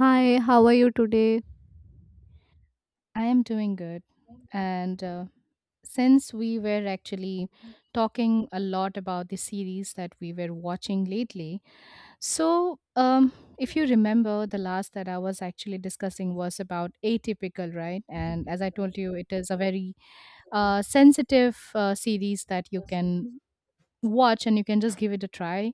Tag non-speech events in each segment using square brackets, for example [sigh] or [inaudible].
Hi, how are you today? I am doing good. And Since we were actually talking a lot about the series that we were watching lately, if you remember, the last that I was actually discussing was about Atypical, right? And as I told you, it is a very sensitive series that you can watch and you can just give it a try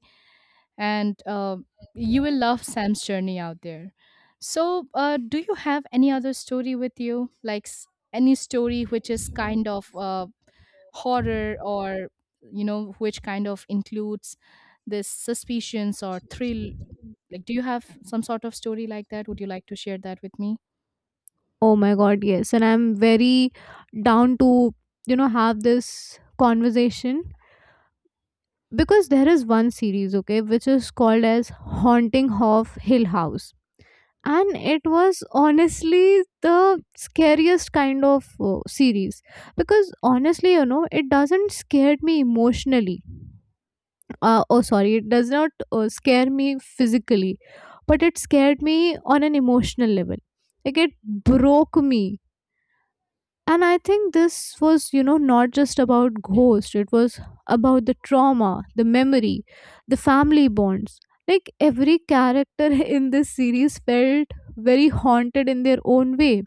and you will love Sam's journey out there. So, do you have any other story with you, any story which is kind of horror or you know which kind of includes this suspicions or thrill? Like, do you have some sort of story like that? Would you like to share that with me? Oh my god, yes. And I'm very down to, you know, have this conversation because there is one series, okay, which is called as Haunting of Hill House. And it was honestly the scariest kind of series because honestly, you know, it doesn't scare me emotionally. Oh, sorry, it does not scare me physically, but it scared me on an emotional level. Like it broke me. And I think this was, you know, not just about ghosts, it was about the trauma, the memory, the family bonds. Like every character [laughs] in this series felt very haunted in their own way,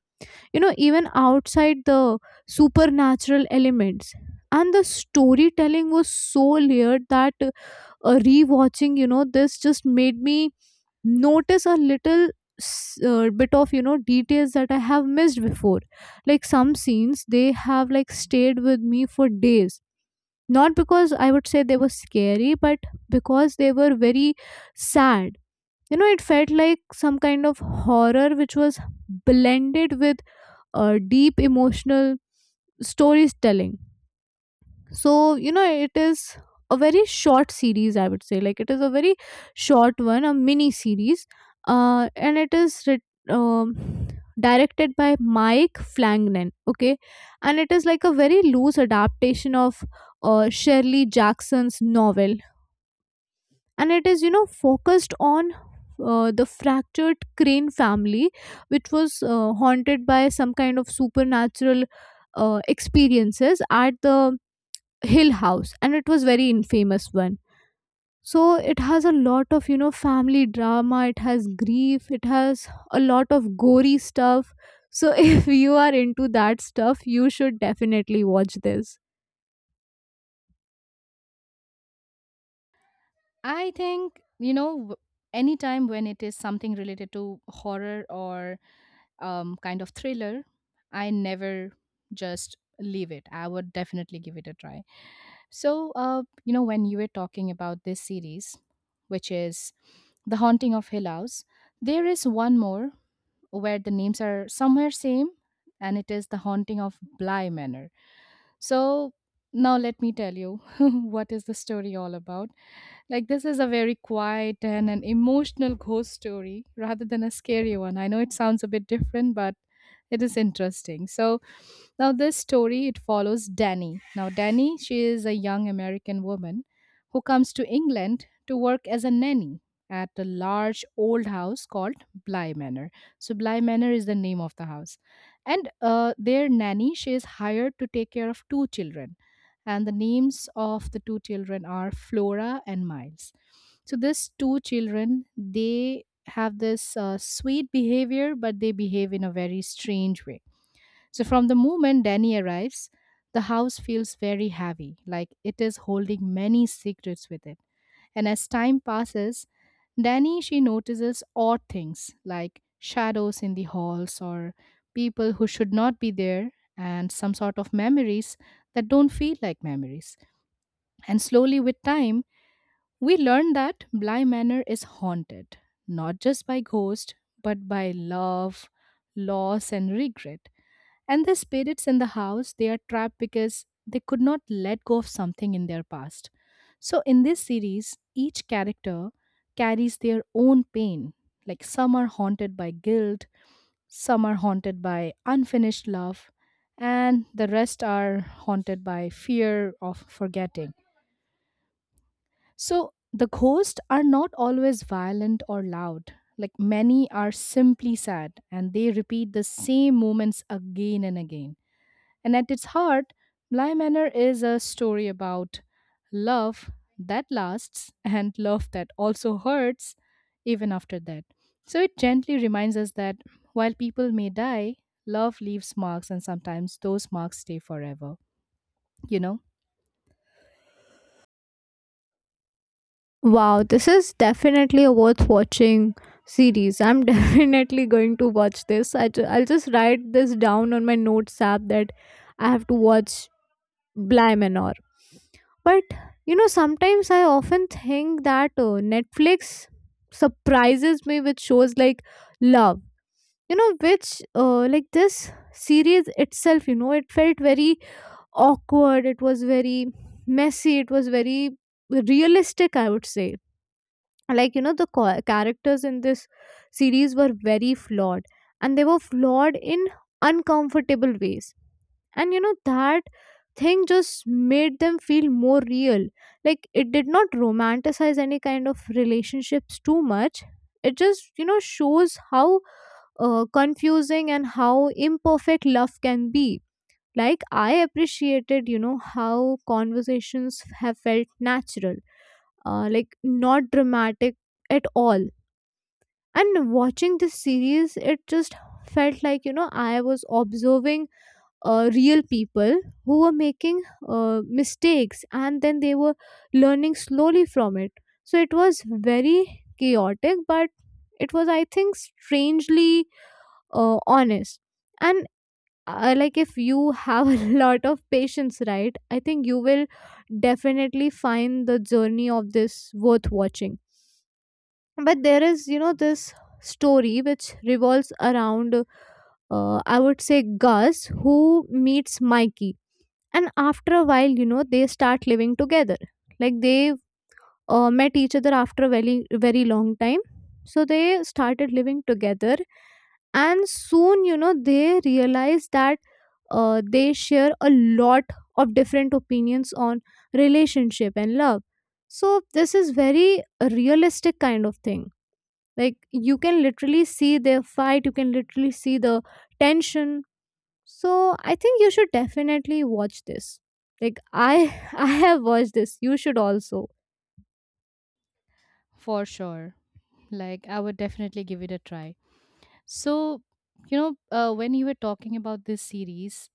you know, even outside the supernatural elements. And the storytelling was so layered that rewatching, you know, this just made me notice a little bit of, you know, details that I have missed before. Like some scenes, they have like stayed with me for days, not because I would say they were scary, but because they were very sad. You know, it felt like some kind of horror which was blended with deep emotional storytelling. So, you know, it is a very short series, I would say, like it is a very short one, a mini series, and it is writ- um, directed by Mike Flanagan, okay, and it is like a very loose adaptation of Shirley Jackson's novel, and it is, you know, focused on the fractured Crane family, which was haunted by some kind of supernatural experiences at the Hill House, and it was very infamous one. So it has a lot of, you know, family drama, it has grief, it has a lot of gory stuff. So [laughs] if you are into that stuff, you should definitely watch this. I think you know w- Anytime when it is something related to horror or kind of thriller, I never just leave it. I would definitely give it a try. So, you know, when you were talking about this series, which is The Haunting of Hill House, there is one more where the names are somewhere same, and it is The Haunting of Bly Manor. So, now let me tell you [laughs] what is the story all about. Like this is a very quiet and an emotional ghost story rather than a scary one. I know it sounds a bit different, but it is interesting. So now this story it follows Danny. Now Danny, she is a young American woman who comes to England to work as a nanny at a large old house called Bly Manor. So Bly Manor is the name of the house. And Their nanny, she is hired to take care of two children. And the names of the two children are Flora and Miles. So these two children, they have this sweet behavior, but they behave in a very strange way so, from the moment Danny arrives, the house feels very heavy, like it is holding many secrets with it. And as time passes, Danny she notices odd things like shadows in the halls or people who should not be there and some sort of memories that don't feel like memories. And slowly with time, we learn that Bly Manor is haunted, not just by ghosts, but by love, loss and regret. And the spirits in the house, they are trapped because they could not let go of something in their past. So in this series, each character carries their own pain. Like some are haunted by guilt, some are haunted by unfinished love, and the rest are haunted by fear of forgetting. So the ghosts are not always violent or loud. Like many are simply sad and they repeat the same moments again and again. And at its heart, Bly Manor is a story about love that lasts and love that also hurts even after that. So it gently reminds us that while people may die, love leaves marks and sometimes those marks stay forever, you know? Wow, this is definitely a worth watching series. I'm [laughs] definitely going to watch this. I'll just write this down on my notes app that I have to watch Blimenor. But you know, sometimes I often think that Netflix surprises me with shows like Love. You know, which like this series itself, you know, it felt very awkward. It was very messy. It was very realistic, I would say, like, you know, the characters in this series were very flawed, and they were flawed in uncomfortable ways, and you know that thing just made them feel more real. Like it did not romanticize any kind of relationships too much. It just, you know, shows how confusing and how imperfect love can be. Like I appreciated, you know, how conversations have felt natural, like not dramatic at all. And watching this series, it just felt like, you know, I was observing real people who were making mistakes, and then they were learning slowly from it. So it was very chaotic, but it was, I think, strangely honest. And like if you have [laughs] a lot of patience, right, I think you will definitely find the journey of this worth watching. But there is, you know, this story which revolves around, I would say, Gus, who meets Mikey, and after a while, you know, they start living together, like they met each other after a very very long time, so they started living together, and soon, you know, they realize that they share a lot of different opinions on relationship and love. So this is very realistic kind of thing. Like you can literally see their fight, you can literally see the tension. So I think you should definitely watch this. Like I [laughs] I have watched this. You should also. For sure. Like, I would definitely give it a try. So, you know, when you were talking about this series,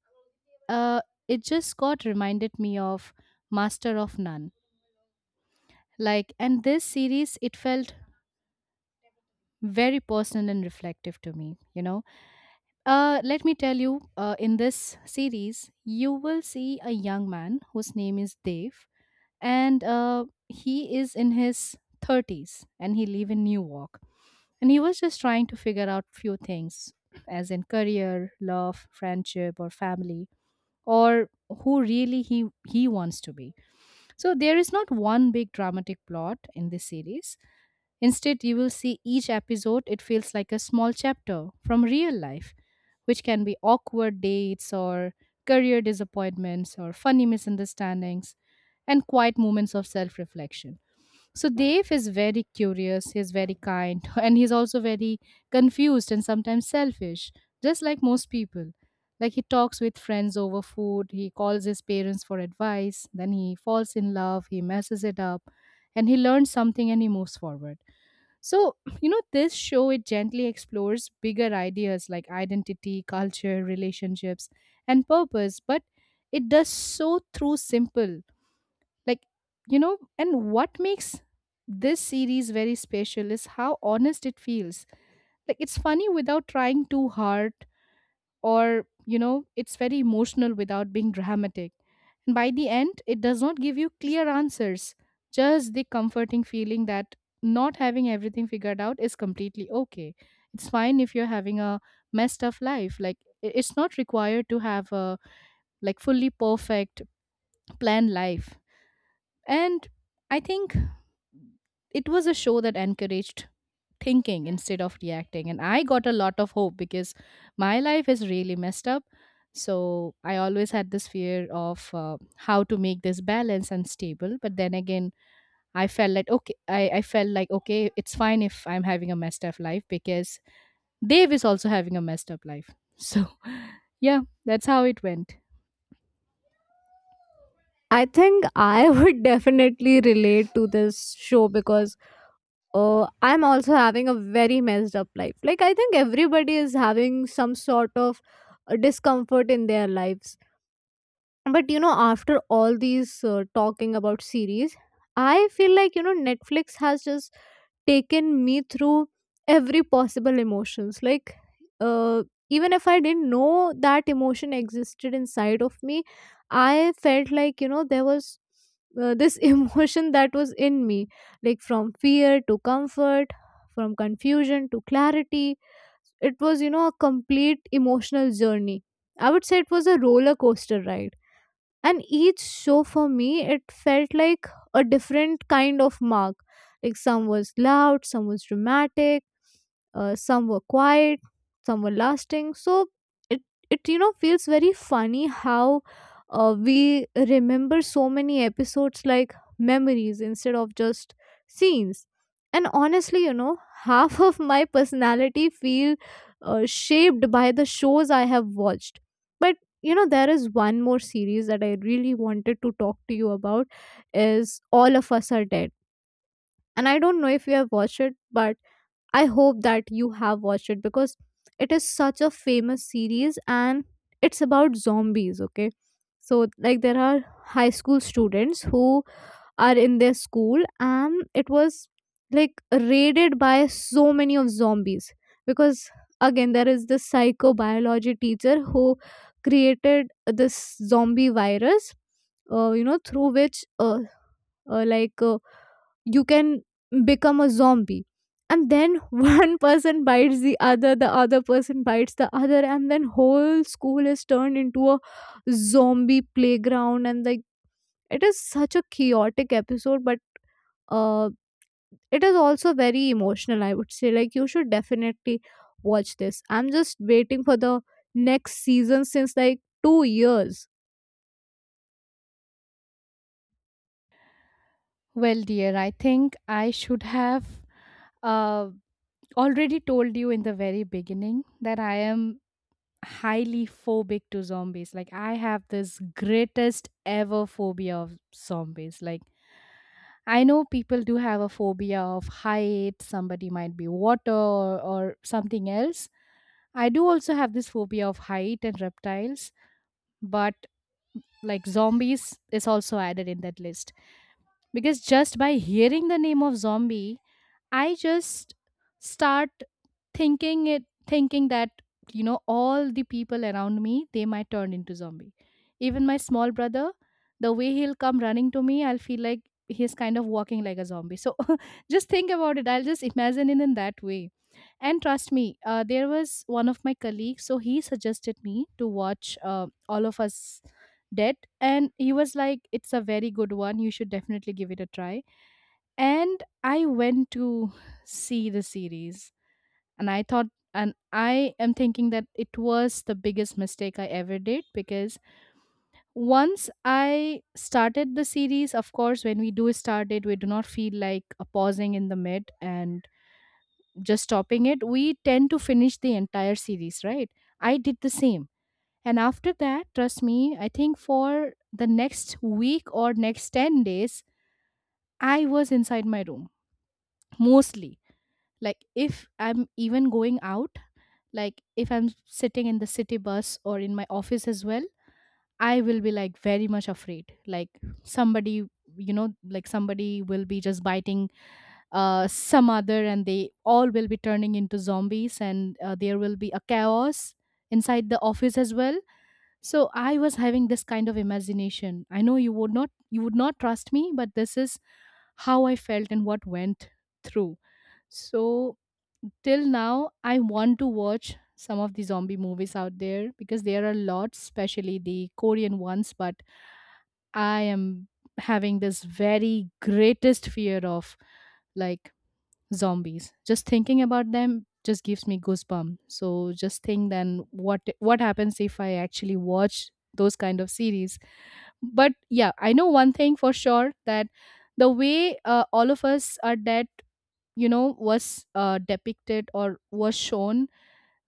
uh, it just got reminded me of Master of None, like and this series it felt very personal and reflective to me. you know Let me tell you, in this series you will see a young man whose name is Dave, and he is in his 30s and he live in New York and he was just trying to figure out few things as in career, love, friendship or family, or who really he wants to be. So there is not one big dramatic plot in this series. Instead, you will see each episode, it feels like a small chapter from real life, which can be awkward dates or career disappointments or funny misunderstandings and quiet moments of self reflection. So, Dave is very curious, he's very kind, [laughs] and he's also very confused and sometimes selfish, just like most people. Like, he talks with friends over food, he calls his parents for advice, then he falls in love, he messes it up, and he learns something and he moves forward. So, you know, this show it gently explores bigger ideas like identity, culture, relationships, and purpose, but it does so through simple. Like, you know, and what makes this series very special is how honest it feels. Like, it's funny without trying too hard, or you know it's very emotional without being dramatic. And by the end it does not give you clear answers, just the comforting feeling that not having everything figured out is completely okay. It's fine if you're having a messed up life. It's not required to have a like fully perfect planned life. And I think it was a show that encouraged thinking instead of reacting. And I got a lot of hope because my life is really messed up. So I always had this fear of how to make this balance and stable. But then again, I felt like okay, I felt like okay, it's fine if I'm having a messed up life because Dave is also having a messed up life. So [laughs] yeah, that's how it went. I think I [laughs] would definitely relate to this show because I'm also having a very messed up life. Like I think everybody is having some sort of discomfort in their lives. But you know, after all these talking about series, I feel like, you know, Netflix has just taken me through every possible emotions, like uh, even if I didn't know that emotion existed inside of me, I felt like, you know, there was this [laughs] emotion that was in me, like from fear to comfort, from confusion to clarity. It was, you know, a complete emotional journey. I would say it was a roller coaster ride, and each show for me, it felt like a different kind of mark. Like some was loud, some was dramatic, some were quiet, some were lasting. So it it, you know, feels very funny how we remember so many episodes like memories instead of just scenes. And honestly, you know, [laughs] half of my personality feel shaped by the shows I have watched. But you know, there is one more series that I really wanted to talk to you about, is All of Us Are Dead, and I don't know if you have watched it, but I hope that you have watched it because it is such a famous series, and it's about zombies, okay? So, like, there are high school students who are in their school, and it was like raided by so many of zombies because, again, there is this psychobiology teacher who created this zombie virus, you know, through which, uh, like, uh, you can become a zombie, and then [laughs] one person bites the other, the other person bites the other, and then whole school is turned into a zombie playground. And like, it is such a chaotic episode, but uh it is also very emotional, I would say, like you should definitely watch this. I'm just waiting for the next season since like 2 years. Well, dear, I think I should have uh, already told you in the very beginning that I am highly phobic to zombies. Like I have this greatest ever phobia of zombies. Like I know people do have a phobia of height, somebody might be water or something else. I do also have this phobia of height and reptiles, but like zombies is also added in that list because just by hearing the name of zombie I just start thinking that you know all the people around me they might turn into zombie. Even my small brother, the way he'll come running to me, I'll feel like he's kind of walking like a zombie. So [laughs] just think about it. I'll just imagine it in that way. And trust me, there was one of my colleagues, so he suggested me to watch All of Us Dead, and he was like, "It's a very good one. You should definitely give it a try." And I went to see the series and i thought and I am thinking that it was the biggest mistake I ever did because once I started the series, of course when we do start it we do not feel like pausing in the mid and just stopping it, we tend to finish the entire series, right? I did the same. And after that trust me I think for the next week or next 10 days I was inside my room mostly. Like if I'm even going out, like if I'm sitting in the city bus or in my office as well, I will be like very much afraid, like somebody, you know, like somebody will be just biting some other and they all will be turning into zombies, and there will be a chaos inside the office as well. So I was having this kind of imagination. I know you would not trust me but this is how I felt and what went through. So till now, I want to watch some of the zombie movies out there because there are lots, especially the Korean ones. But I am having this very greatest fear of like zombies. Just thinking about them just gives me goosebumps. So just think then what happens if I actually watch those kind of series. But yeah, I know one thing for sure that the way all of us are dead you know was depicted or was shown,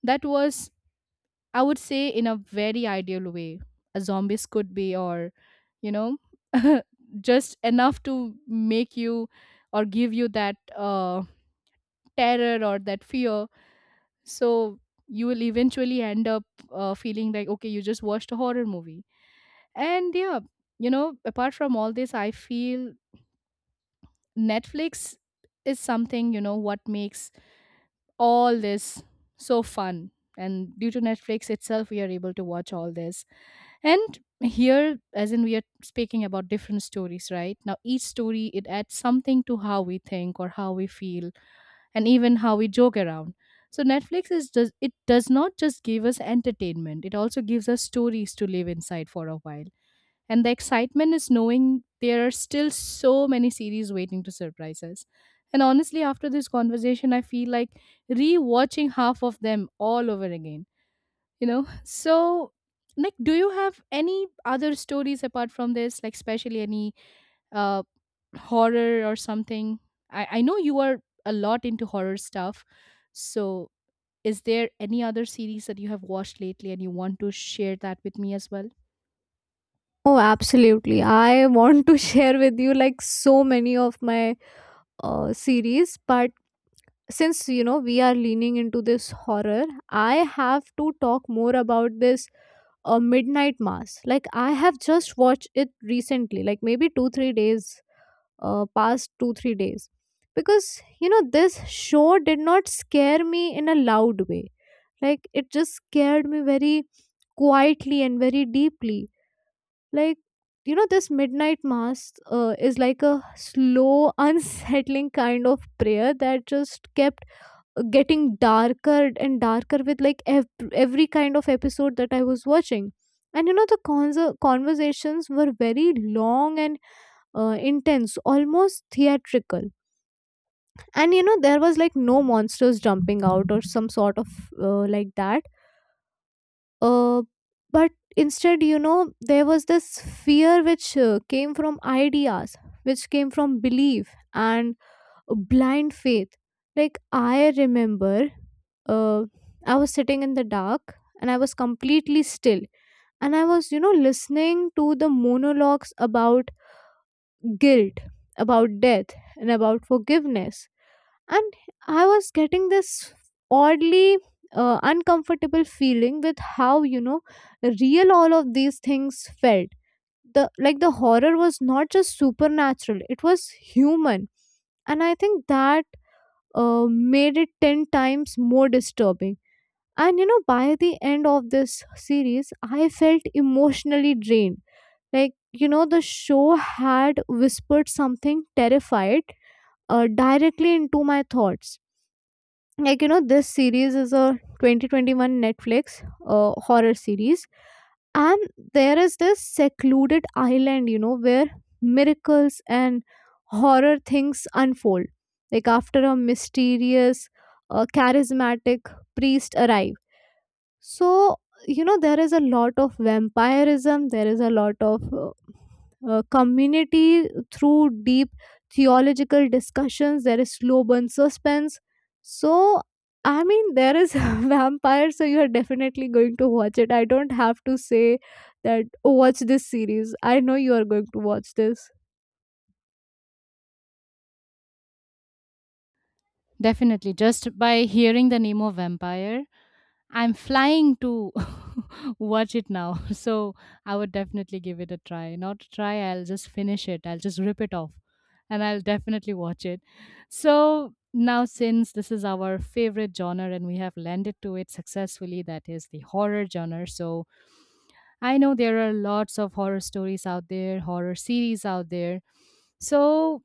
that was, I would say, in a very ideal way a zombies could be, or you know [laughs] just enough to make you or give you that terror or that fear. So you will eventually end up feeling like okay you just watched a horror movie. And yeah, you know apart from all this I feel Netflix is something, you know, what makes all this so fun. And due to Netflix itself we are able to watch all this. And here as in we are speaking about different stories right now, each story it adds something to how we think or how we feel, and even how we joke around. So Netflix is, does, it does not just give us entertainment, it also gives us stories to live inside for a while. And the excitement is knowing there are still so many series waiting to surprise us. And honestly, after this conversation, I feel like rewatching half of them all over again, you know? [laughs] So, like, do you have any other stories apart from this, like, especially any uh, horror or something? I know you are a lot into horror stuff. So, is there any other series that you have watched lately and you want to share that with me as well? Oh absolutely, I want to [laughs] share with you like so many of my series, but since, you know, we are leaning into this horror, I have to talk more about this Midnight Mass. Like I have just watched it recently, like maybe 2-3 days, past 2-3 days, because, you know, this show did not scare me in a loud way. Like, it just scared me very quietly and very deeply. Like, you know, this Midnight Mass is like a slow [laughs] unsettling kind of prayer that just kept getting darker and darker with like every kind of episode that I was watching. And you know, the conversations were very long and intense, almost theatrical. And you know, there was like no monsters jumping out or some sort of like that. Uh, but instead, you know, there was this fear which came from ideas, which came from belief and blind faith. Like I remember, uh, I was sitting in the dark and I was completely still, and I was, you know, listening to the monologues about guilt, about death, and about forgiveness, and I was getting this oddly uncomfortable feeling with how, you know, real all of these things felt. The like the horror was not just supernatural; it was human, and I think that made it 10 times more disturbing. And you know, by the end of this series, I felt emotionally drained. Like, you know, the show had whispered something terrified directly into my thoughts. Like, you know, this series is a 2021 Netflix horror series, and there is this secluded island, you know, where miracles and horror things unfold like after a mysterious, charismatic priest arrives. So, you know, there is a lot of vampirism, there is a lot of community through deep theological discussions, there is slow burn suspense. So I mean, there is [laughs] vampire, so you are definitely going to watch it. I don't have to say that, "Oh, watch this series." I know you are going to watch this. Definitely. Just by hearing the name of vampire, I'm flying to [laughs] watch it now. [laughs] So I would definitely give it a try. Not a try, I'll just finish it. I'll just rip it off and I'll definitely watch it. So now, since this is our favorite genre and we have landed to it successfully, that is the horror genre. So I know there are lots of horror stories out there, horror series out there. So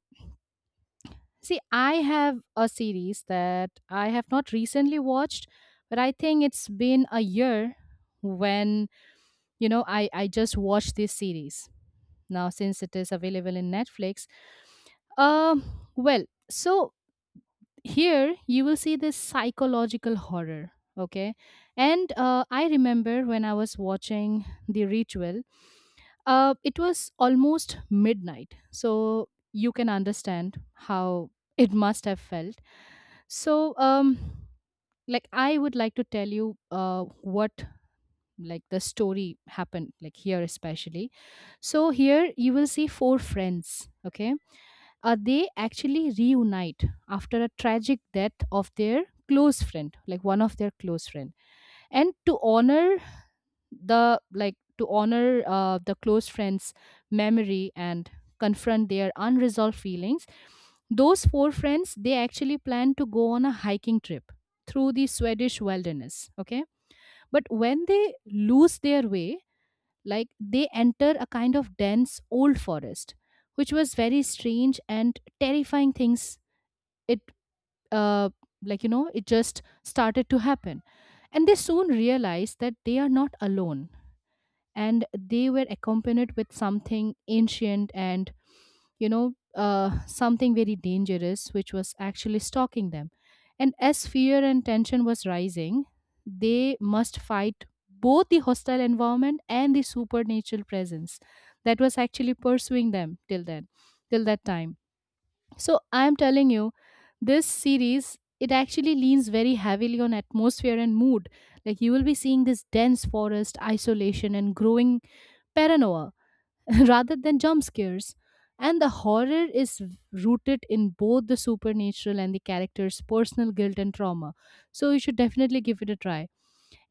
See, I have a series that I have not recently watched, but I think it's been a year when, you know, I just watched this series. Now, since it is available in Netflix, well, so here you will see this psychological horror, okay? And I remember when I was watching The Ritual, it was almost midnight, so you can understand how [laughs] it must have felt. So, like I would like to tell you what like the story happened like here especially. So here you will see four friends. Okay, they actually reunite after a tragic death of their close friend, like one of their close friend, and to honor the close friends memory and confront their unresolved feelings. Those four friends, they actually plan to go on a hiking trip through the Swedish wilderness, okay? But when they lose their way, like they enter a kind of dense old forest, which was very strange and terrifying things, it uh, like you know it just started to happen. And they soon realize that they are not alone, and they were accompanied with something ancient and, you know, something very dangerous which was actually stalking them. And as fear and tension was rising, they must fight both the hostile environment and the supernatural presence that was actually pursuing them till then, till that time. So I'm telling you, this series, it actually leans very heavily on atmosphere and mood. Like, you will be seeing this dense forest, isolation, and growing paranoia [laughs] rather than jump scares. And the horror is rooted in both the supernatural and the character's personal guilt and trauma. So you should definitely give it a try.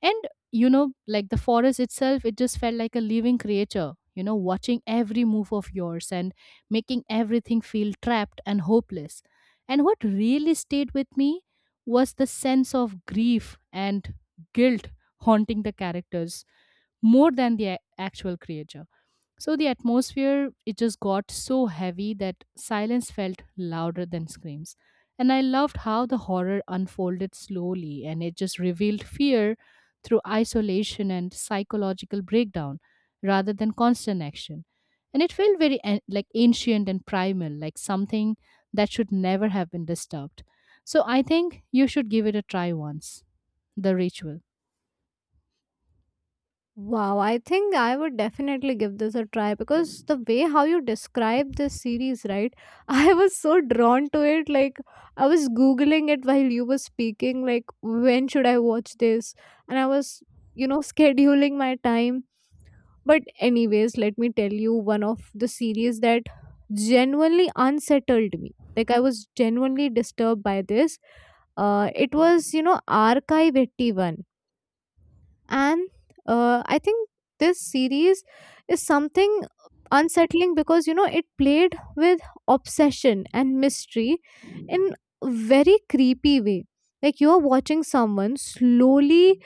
And you know, like the forest itself, it just felt like a living creature, you know, watching every move of yours and making everything feel trapped and hopeless. And what really stayed with me was the sense of grief and guilt haunting the characters more than the actual creature. So the atmosphere, it just got so heavy that silence felt louder than screams. And I loved how the horror unfolded slowly and it just revealed fear through isolation and psychological breakdown rather than constant action. And it felt very like ancient and primal, like something that should never have been disturbed. So I think you should give it a try once. The Ritual. Wow, I think I would definitely give this a try because the way how you describe this series, right? [laughs] I was so drawn to it. Like, I was Googling it while you were speaking, like, when should I watch this? And I was, you know, scheduling my time. But, anyways, let me tell you one of the series that genuinely unsettled me. Like, I was genuinely disturbed by this. It was, you know, Archive 81, and I think this series is something unsettling because, you know, it played with obsession and mystery in a very creepy way. Like, you're watching someone slowly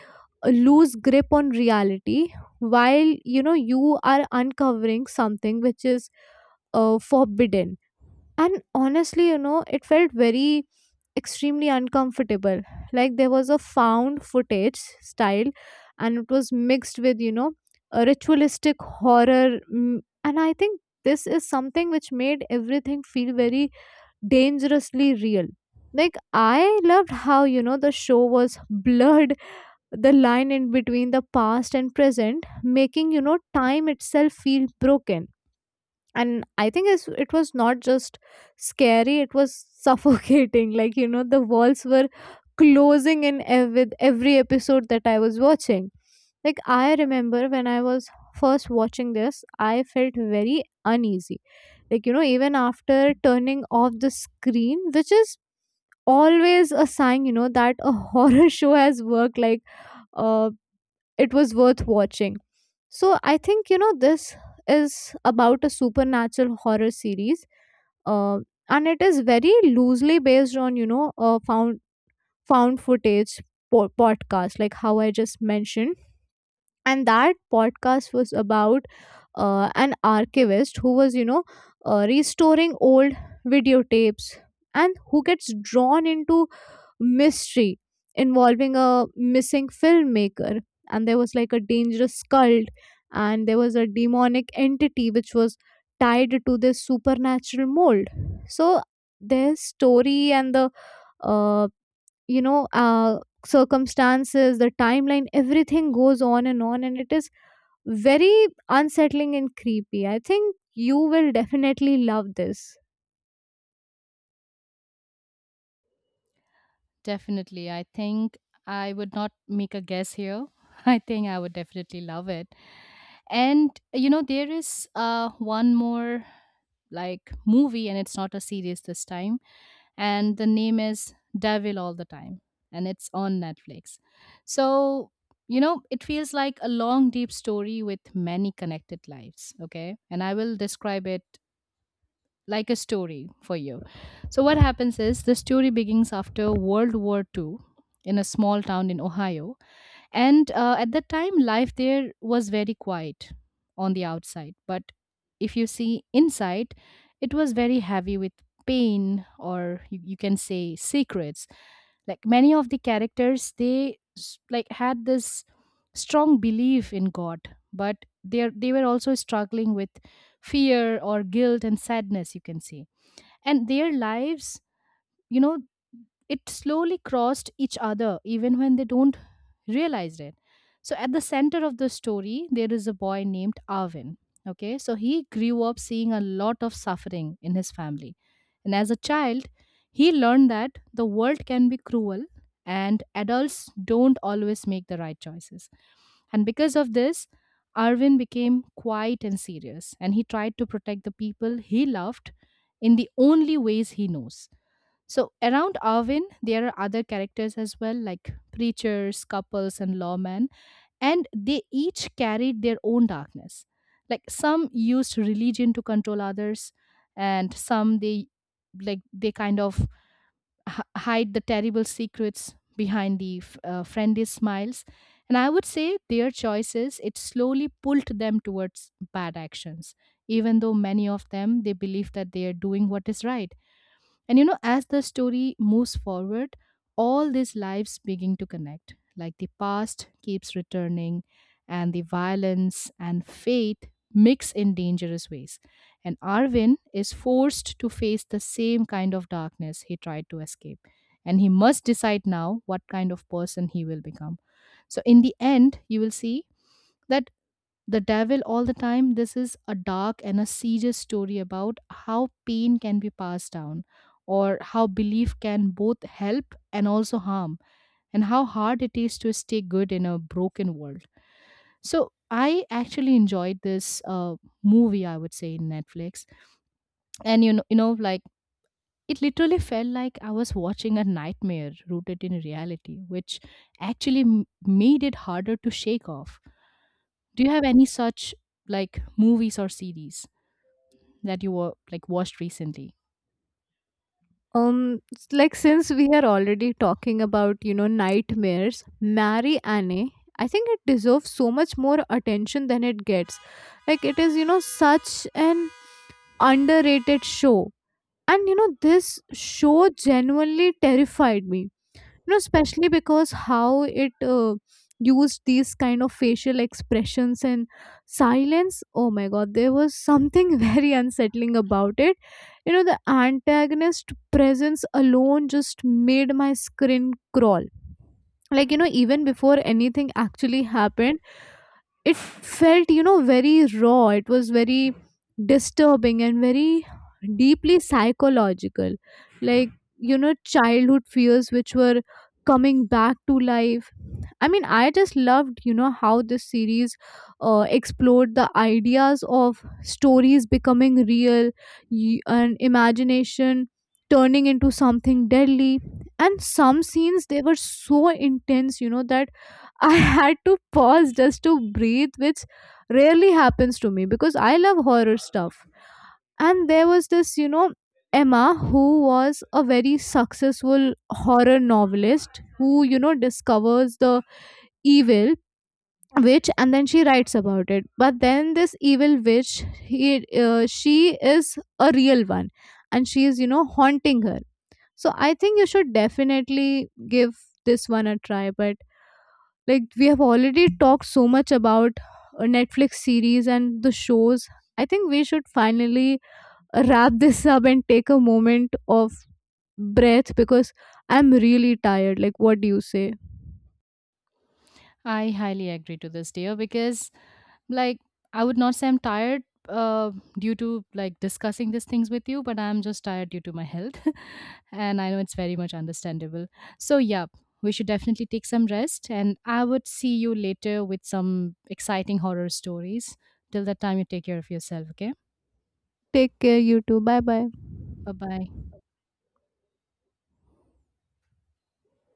lose grip on reality while, you know, you are uncovering something which is forbidden. And honestly, you know, it felt very extremely uncomfortable. Like, there was a found footage style, and it was mixed with, you know, a ritualistic horror. And I think this is something which made everything feel very dangerously real. Like, I loved how, you know, the show was blurred the line in between the past and present, making, you know, time itself feel broken. And I think it was not just scary, it was suffocating. [laughs] Like, you know, the walls were closing in with every episode that I was watching. Like, I remember when I was first watching this, I felt very uneasy, like, you know, even after turning off the screen, which is always a sign, you know, that a [laughs] horror show has worked. Like, uh, it was worth watching. So I think, you know, this is about a supernatural horror series, uh, and it is very loosely based on, you know, found footage podcast, like how I just mentioned. And that podcast was about an archivist who was, you know, restoring old videotapes and who gets drawn into mystery involving a missing filmmaker. And there was like a dangerous cult, and there was a demonic entity which was tied to this supernatural mold. So their story and the uh, you know uh, circumstances, the timeline, everything goes on and on, and it is very unsettling and creepy. I think you will definitely love this. Definitely. I think I would not make a guess here. [laughs] I think I would definitely love it. And you know, there is one more, like movie, and it's not a series this time, and the name is Devil All the Time, and it's on Netflix. So, you know, it feels like a long deep story with many connected lives, okay? And I will describe it like a story for you. So what happens is the story begins after World War II in a small town in Ohio, and at that time, life there was very quiet on the outside. But if you see inside, it was very heavy with pain, or you can say secrets. Like many of the characters, they like had this strong belief in God, but they were also struggling with fear or guilt and sadness. You can say, and their lives, you know, it slowly crossed each other even when they don't realize it. So at the center of the story, there is a boy named Arvin, okay? So he grew up seeing a lot of suffering in his family. And as a child, he learned that the world can be cruel and adults don't always make the right choices. And because of this, Arvin became quiet and serious, and he tried to protect the people he loved in the only ways he knows. So around Arvin, there are other characters as well, like preachers, couples, and lawmen, and they each carried their own darkness. Like some used religion to control others, and some they like they kind of hide the terrible secrets behind the friendly smiles. And I would say their choices, it slowly pulled them towards bad actions, even though many of them, they believe that they are doing what is right. And you know, as the story moves forward, all these lives begin to connect. Like the past keeps returning, and the violence and fate mix in dangerous ways. And Arvin is forced to face the same kind of darkness he tried to escape. And he must decide now what kind of person he will become. So, in the end, you will see that the Devil All the Time, this is a dark and a serious story about how pain can be passed down, or how belief can both help and also harm, and how hard it is to stay good in a broken world. So I actually enjoyed this movie, I would say, in Netflix. And you know, like it literally felt like I was watching a nightmare rooted in reality, which actually made it harder to shake off. Do you have any such like movies or series that you were like watched recently? Like since we are already talking about, you know, nightmares, Marry Annie, I think it deserves so much more attention than it gets. Like, it is, you know, such an underrated show. And you know, this show genuinely terrified me, you know, especially because how it used these kind of facial expressions and silence. Oh my god, there was something [laughs] very unsettling about it. You know, the antagonist presence alone just made my skin crawl. Like, you know, even before anything actually happened, it felt, you know, very raw. It was very disturbing and very deeply psychological. Like, you know, childhood fears which were coming back to life. I mean, I just loved, you know, how this series explored the ideas of stories becoming real and imagination turning into something deadly. And some scenes, they were so intense, you know, that I [laughs] had to pause just to breathe, which rarely happens to me because I love horror stuff. And there was this, you know, Emma, who was a very successful horror novelist, who, you know, discovers the evil witch and then she writes about it. But then this evil witch, he she is a real one, and she is, you know, haunting her. So I think you should definitely give this one a try. But like we have already talked so much about Netflix series and the shows, I think we should finally wrap this up and take a moment of breath because I'm really tired. Like, what do you say? I highly agree to this, dear, because like I would not say I'm tired uh, due to like discussing these things with you, but I'm just tired due to my health. [laughs] And I know it's very much understandable. So yeah, we should definitely take some rest, and I would see you later with some exciting horror stories. Till that time, you take care of yourself, okay? Take care. You too. Bye bye. Bye bye.